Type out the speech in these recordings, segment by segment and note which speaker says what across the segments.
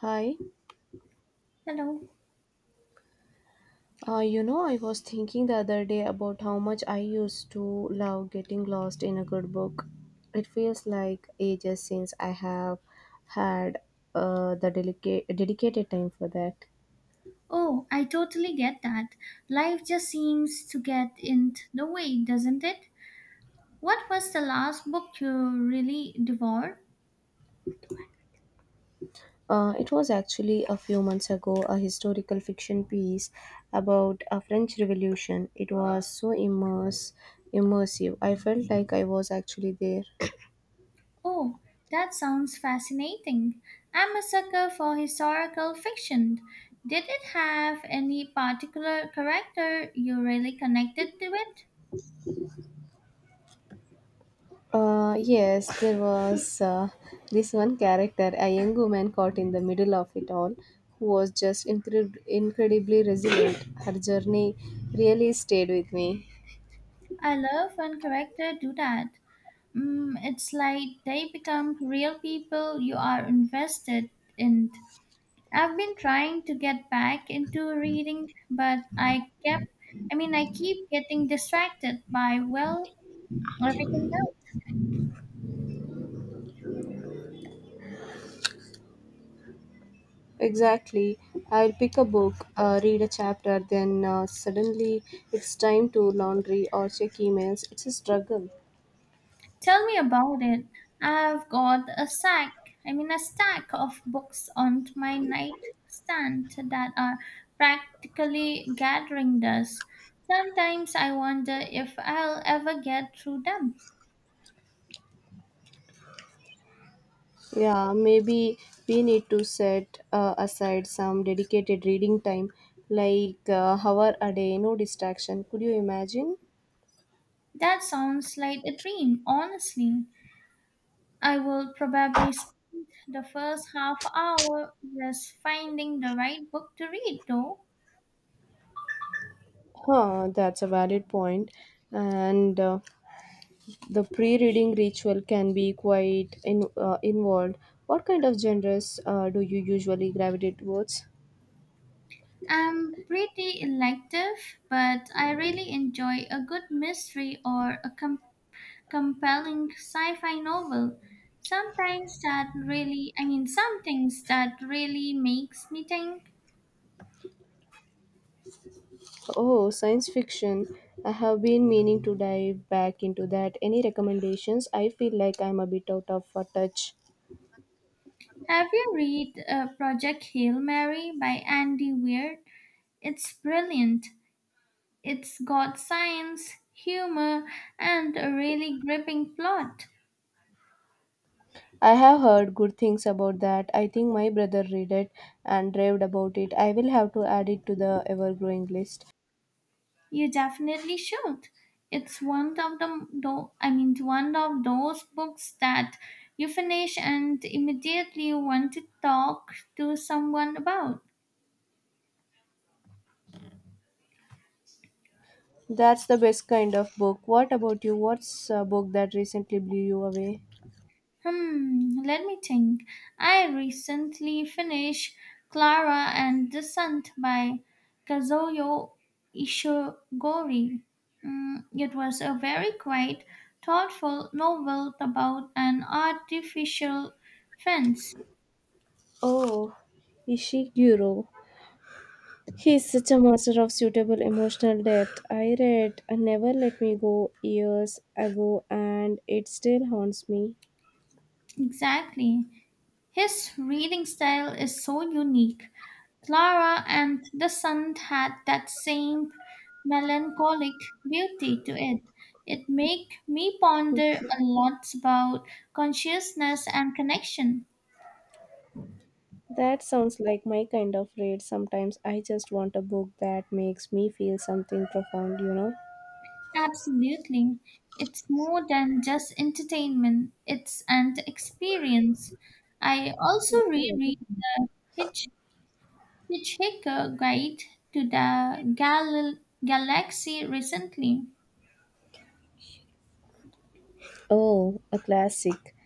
Speaker 1: Hi.
Speaker 2: Hello.
Speaker 1: I was thinking the other day about how much I used to love getting lost in a good book. It feels like ages since I have had the delicate, dedicated time for that.
Speaker 2: Oh, I totally get that. Life just seems to get in the way, doesn't it? What was the last book you really devoured?
Speaker 1: It was actually a few months ago a historical fiction piece about a French Revolution. It was so immersive. I felt like I was actually there.
Speaker 2: Oh, that sounds fascinating. I'm a sucker for historical fiction. Did it have any particular character you really connected to it?
Speaker 1: Yes, there was this one character, a young woman caught in the middle of it all, who was just incredibly resilient. Her journey really stayed with me.
Speaker 2: I love when characters do that. Mm, it's like they become real people you are invested in. I've been trying to get back into reading, but I kept I mean I keep getting distracted by, well, everything else.
Speaker 1: Exactly. I'll pick a book, read a chapter, then suddenly it's time to laundry or check emails. It's a struggle.
Speaker 2: Tell me about it. I've got a sack I mean a stack of books on my nightstand that are practically gathering dust. Sometimes I wonder if I'll ever get through them.
Speaker 1: Yeah, maybe we need to set aside some dedicated reading time, like hour a day, no distraction. Could you imagine?
Speaker 2: That sounds like a dream, honestly. I will probably spend The first half hour was finding the right book to read, though.
Speaker 1: That's a valid point. And the pre-reading ritual can be quite involved. What kind of genres do you usually gravitate towards?
Speaker 2: I'm pretty elective, but I really enjoy a good mystery or a compelling sci fi novel. Some things that really makes me think.
Speaker 1: Oh, science fiction. I have been meaning to dive back into that. Any recommendations? I feel like I'm a bit out of touch.
Speaker 2: Have you read Project Hail Mary by Andy Weir? It's brilliant. It's got science, humor, and a really gripping plot.
Speaker 1: I have heard good things about that. I think my brother read it and raved about it. I will have to add it to the ever-growing list.
Speaker 2: You definitely should. It's one of those books that you finish and immediately want to talk to someone about.
Speaker 1: That's the best kind of book. What about you? What's a book that recently blew you away?
Speaker 2: Hmm, let me think. I recently finished Clara and the Descent by Kazuyo Ishigori. Mm, it was a very quiet, thoughtful novel about an artificial fence.
Speaker 1: Oh, Ishiguro. He is such a master of suitable emotional depth. I read Never Let Me Go years ago and it still haunts me.
Speaker 2: Exactly. His reading style is so unique. Clara and the Sun had that same melancholic beauty to it. It made me ponder a lot about consciousness and connection.
Speaker 1: That sounds like my kind of read. Sometimes I just want a book that makes me feel something profound, you know?
Speaker 2: Absolutely. It's more than just entertainment, it's an experience. I also reread Hitch, Hitchhiker Guide to the Galaxy recently.
Speaker 1: Oh, a classic.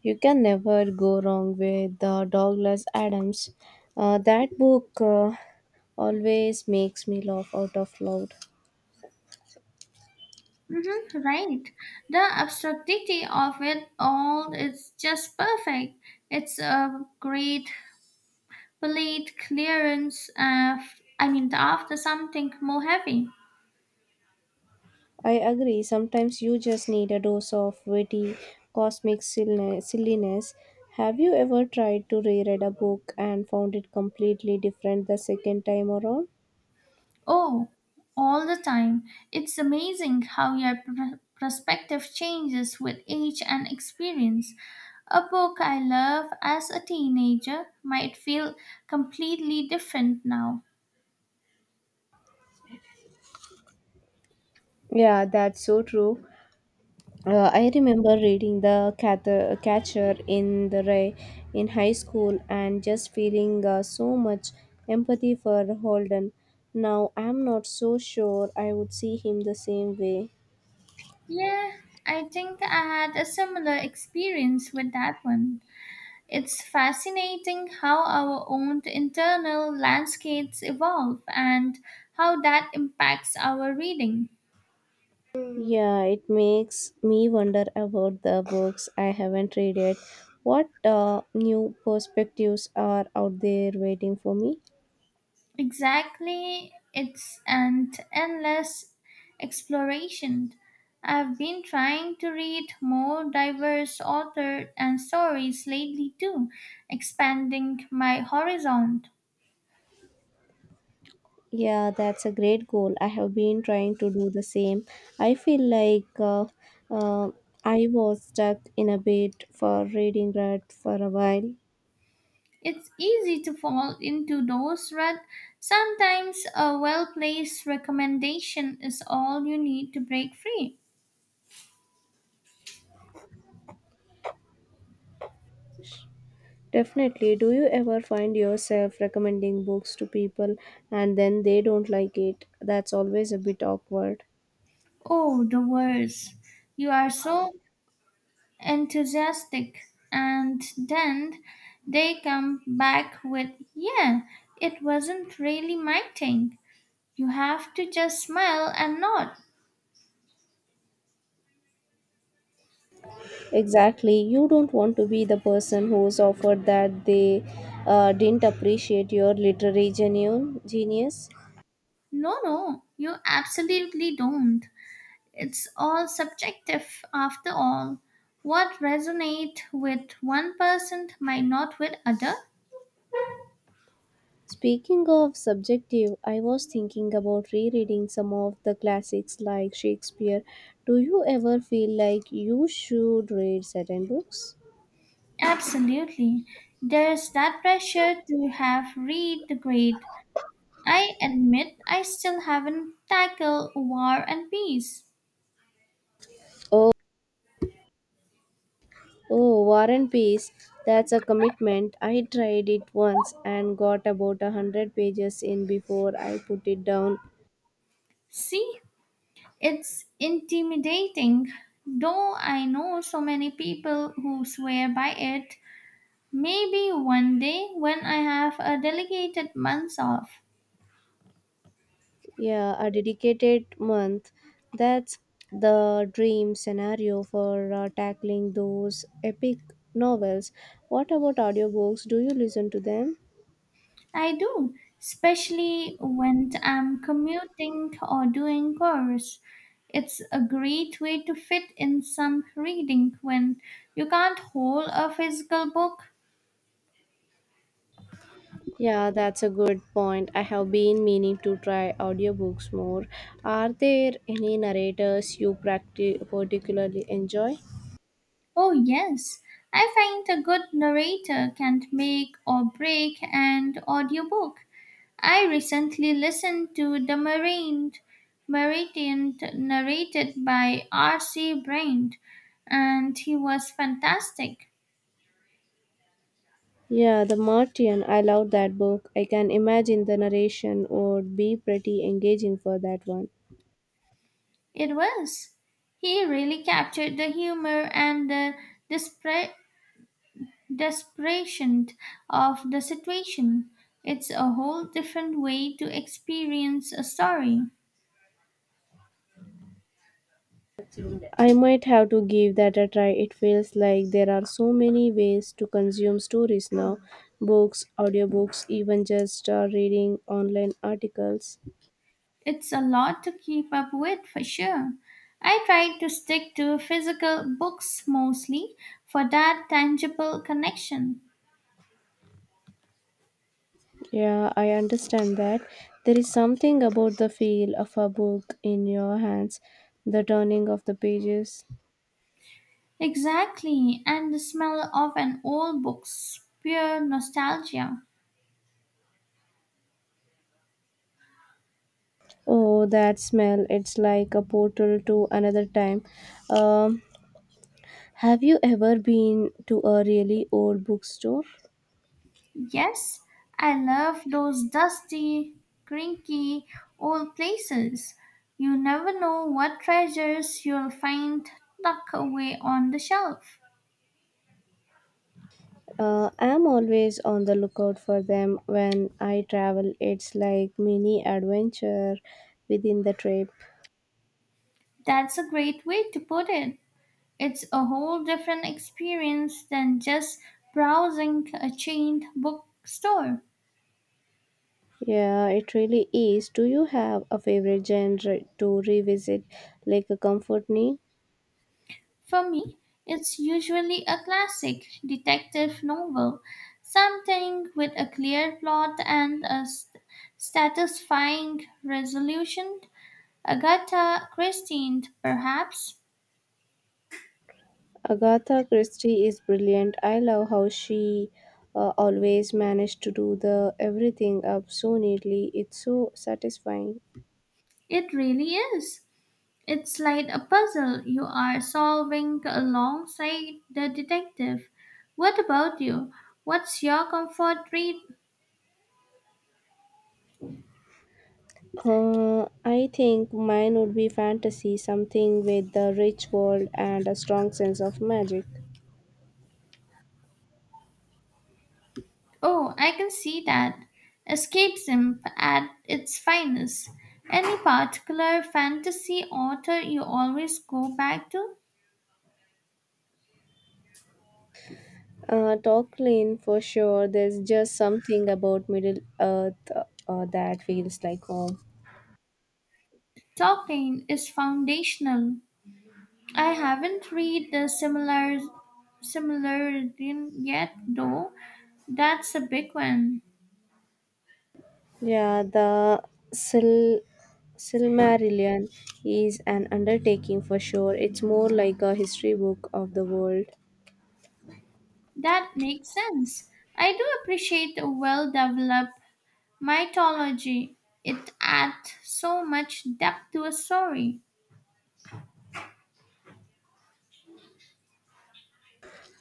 Speaker 1: You can never go wrong with Douglas Adams. That book always makes me laugh out of loud.
Speaker 2: Mhm, right. The absurdity of it all is just perfect. It's a great plate clearance. I mean, after something more heavy.
Speaker 1: I agree, sometimes you just need a dose of witty cosmic silliness. Have you ever tried to reread a book and found it completely different the second time around?
Speaker 2: Oh, all the time. It's amazing how your perspective changes with age and experience. A book I loved as a teenager might feel completely different now.
Speaker 1: Yeah, that's so true. I remember reading Catcher in the Rye in high school and just feeling so much empathy for Holden. Now I'm not so sure I would see him the same way.
Speaker 2: Yeah, I think I had a similar experience with that one. It's fascinating how our own internal landscapes evolve and how that impacts our reading.
Speaker 1: Yeah, it makes me wonder about the books I haven't read yet. What new perspectives are out there waiting for me?
Speaker 2: Exactly, it's an endless exploration. I've been trying to read more diverse authors and stories lately too, expanding my horizon.
Speaker 1: Yeah, that's a great goal. I have been trying to do the same. I feel like uh, I was stuck in a bit for reading rut for a while.
Speaker 2: It's easy to fall into those ruts. Sometimes a well placed recommendation is all you need to break free.
Speaker 1: Definitely. Do you ever find yourself recommending books to people and then they don't like it? That's always a bit awkward.
Speaker 2: Oh, the worst. You are so enthusiastic, and then they come back with, yeah, it wasn't really my thing. You have to just smile and nod.
Speaker 1: Exactly. You don't want to be the person who's offered that they didn't appreciate your literary genius.
Speaker 2: No, no, you absolutely don't. It's all subjective after all. What resonate with one person might not with other.
Speaker 1: Speaking of subjective, I was thinking about rereading some of the classics like Shakespeare. Do you ever feel like you should read certain books?
Speaker 2: Absolutely. There's that pressure to have read the grade. I admit I still haven't tackled War and Peace.
Speaker 1: Oh, oh, War and Peace. That's a commitment. I tried it once and got about a hundred pages in before I put it down.
Speaker 2: See, it's intimidating. Though I know so many people who swear by it, maybe one day when I have a delegated month off.
Speaker 1: Yeah, a dedicated month. That's the dream scenario for tackling those epic novels. What about audiobooks? Do you listen to them?
Speaker 2: I do, especially when I'm commuting or doing chores. It's a great way to fit in some reading when you can't hold a physical book.
Speaker 1: Yeah, that's a good point. I have been meaning to try audiobooks more. Are there any narrators you particularly enjoy?
Speaker 2: Oh, yes, I find a good narrator can make or break an audiobook. I recently listened to Meridian narrated by R.C. Brand, and he was fantastic.
Speaker 1: Yeah, The Martian. I love that book. I can imagine the narration would be pretty engaging for that one.
Speaker 2: It was. He really captured the humor and the desper- desperation of the situation. It's a whole different way to experience a story.
Speaker 1: I might have to give that a try. It feels like there are so many ways to consume stories now books, audiobooks, even just reading online articles.
Speaker 2: It's a lot to keep up with for sure. I try to stick to physical books mostly for that tangible connection.
Speaker 1: Yeah, I understand that. There is something about the feel of a book in your hands, the turning of the pages.
Speaker 2: Exactly, and the smell of an old book's pure nostalgia.
Speaker 1: Oh, that smell. It's like a portal to another time. Um, have you ever been to a really old bookstore?
Speaker 2: Yes, I love those dusty, cranky old places. You never know what treasures you'll find tucked away on the shelf.
Speaker 1: I'm always on the lookout for them when I travel. It's like mini adventure within the trip.
Speaker 2: That's a great way to put it. It's a whole different experience than just browsing a chained bookstore.
Speaker 1: Yeah, it really is. Do you have a favorite genre to revisit, like a comfort me?
Speaker 2: For me, it's usually a classic detective novel, something with a clear plot and a satisfying resolution. Agatha Christie, perhaps.
Speaker 1: Agatha Christie is brilliant. I love how she always managed to do the everything up so neatly. It's so satisfying.
Speaker 2: It really is. It's like a puzzle you are solving alongside the detective. What about you? What's your comfort read?
Speaker 1: I think mine would be fantasy, something with a rich world and a strong sense of magic.
Speaker 2: Oh, I can see that. Escapism at its finest. Any particular fantasy author you always go back to?
Speaker 1: Tolkien, for sure. There's just something about Middle Earth that feels like home.
Speaker 2: Tolkien is foundational. I haven't read the similar Silmarillion yet, though. That's a big one.
Speaker 1: Yeah, the Sil- Silmarillion is an undertaking for sure. It's more like a history book of the world.
Speaker 2: That makes sense. I do appreciate a well-developed mythology. It adds so much depth to a story.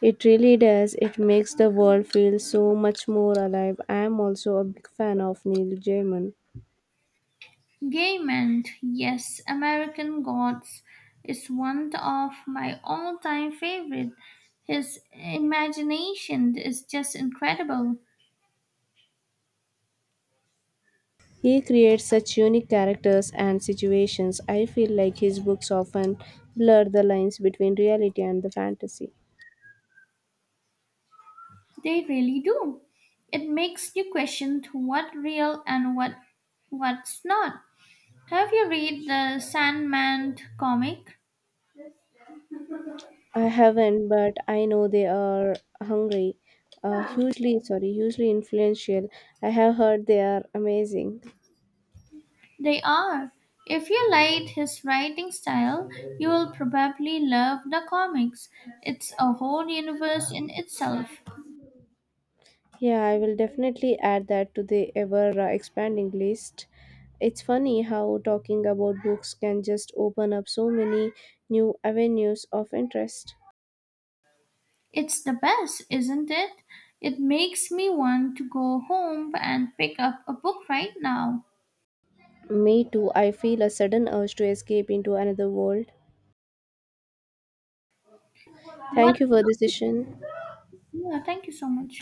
Speaker 1: It really does. It makes the world feel so much more alive. I'm also a big fan of Neil Gaiman.
Speaker 2: Gaiman, yes, American Gods is one of my all time favorite. His imagination is just incredible.
Speaker 1: He creates such unique characters and situations. I feel like his books often blur the lines between reality and the fantasy.
Speaker 2: They really do. It makes you question what real and what's not. Have you read the Sandman comic?
Speaker 1: I haven't, but I know they are hungry, hugely influential. I have heard they are amazing.
Speaker 2: They are. If you liked his writing style, you will probably love the comics. It's a whole universe in itself.
Speaker 1: Yeah, I will definitely add that to the ever expanding list. It's funny how talking about books can just open up so many new avenues of interest.
Speaker 2: It's the best, isn't it? It makes me want to go home and pick up a book right now.
Speaker 1: Me too, I feel a sudden urge to escape into another world.
Speaker 2: What?
Speaker 1: Thank you for this session.
Speaker 2: Yeah, thank you so much.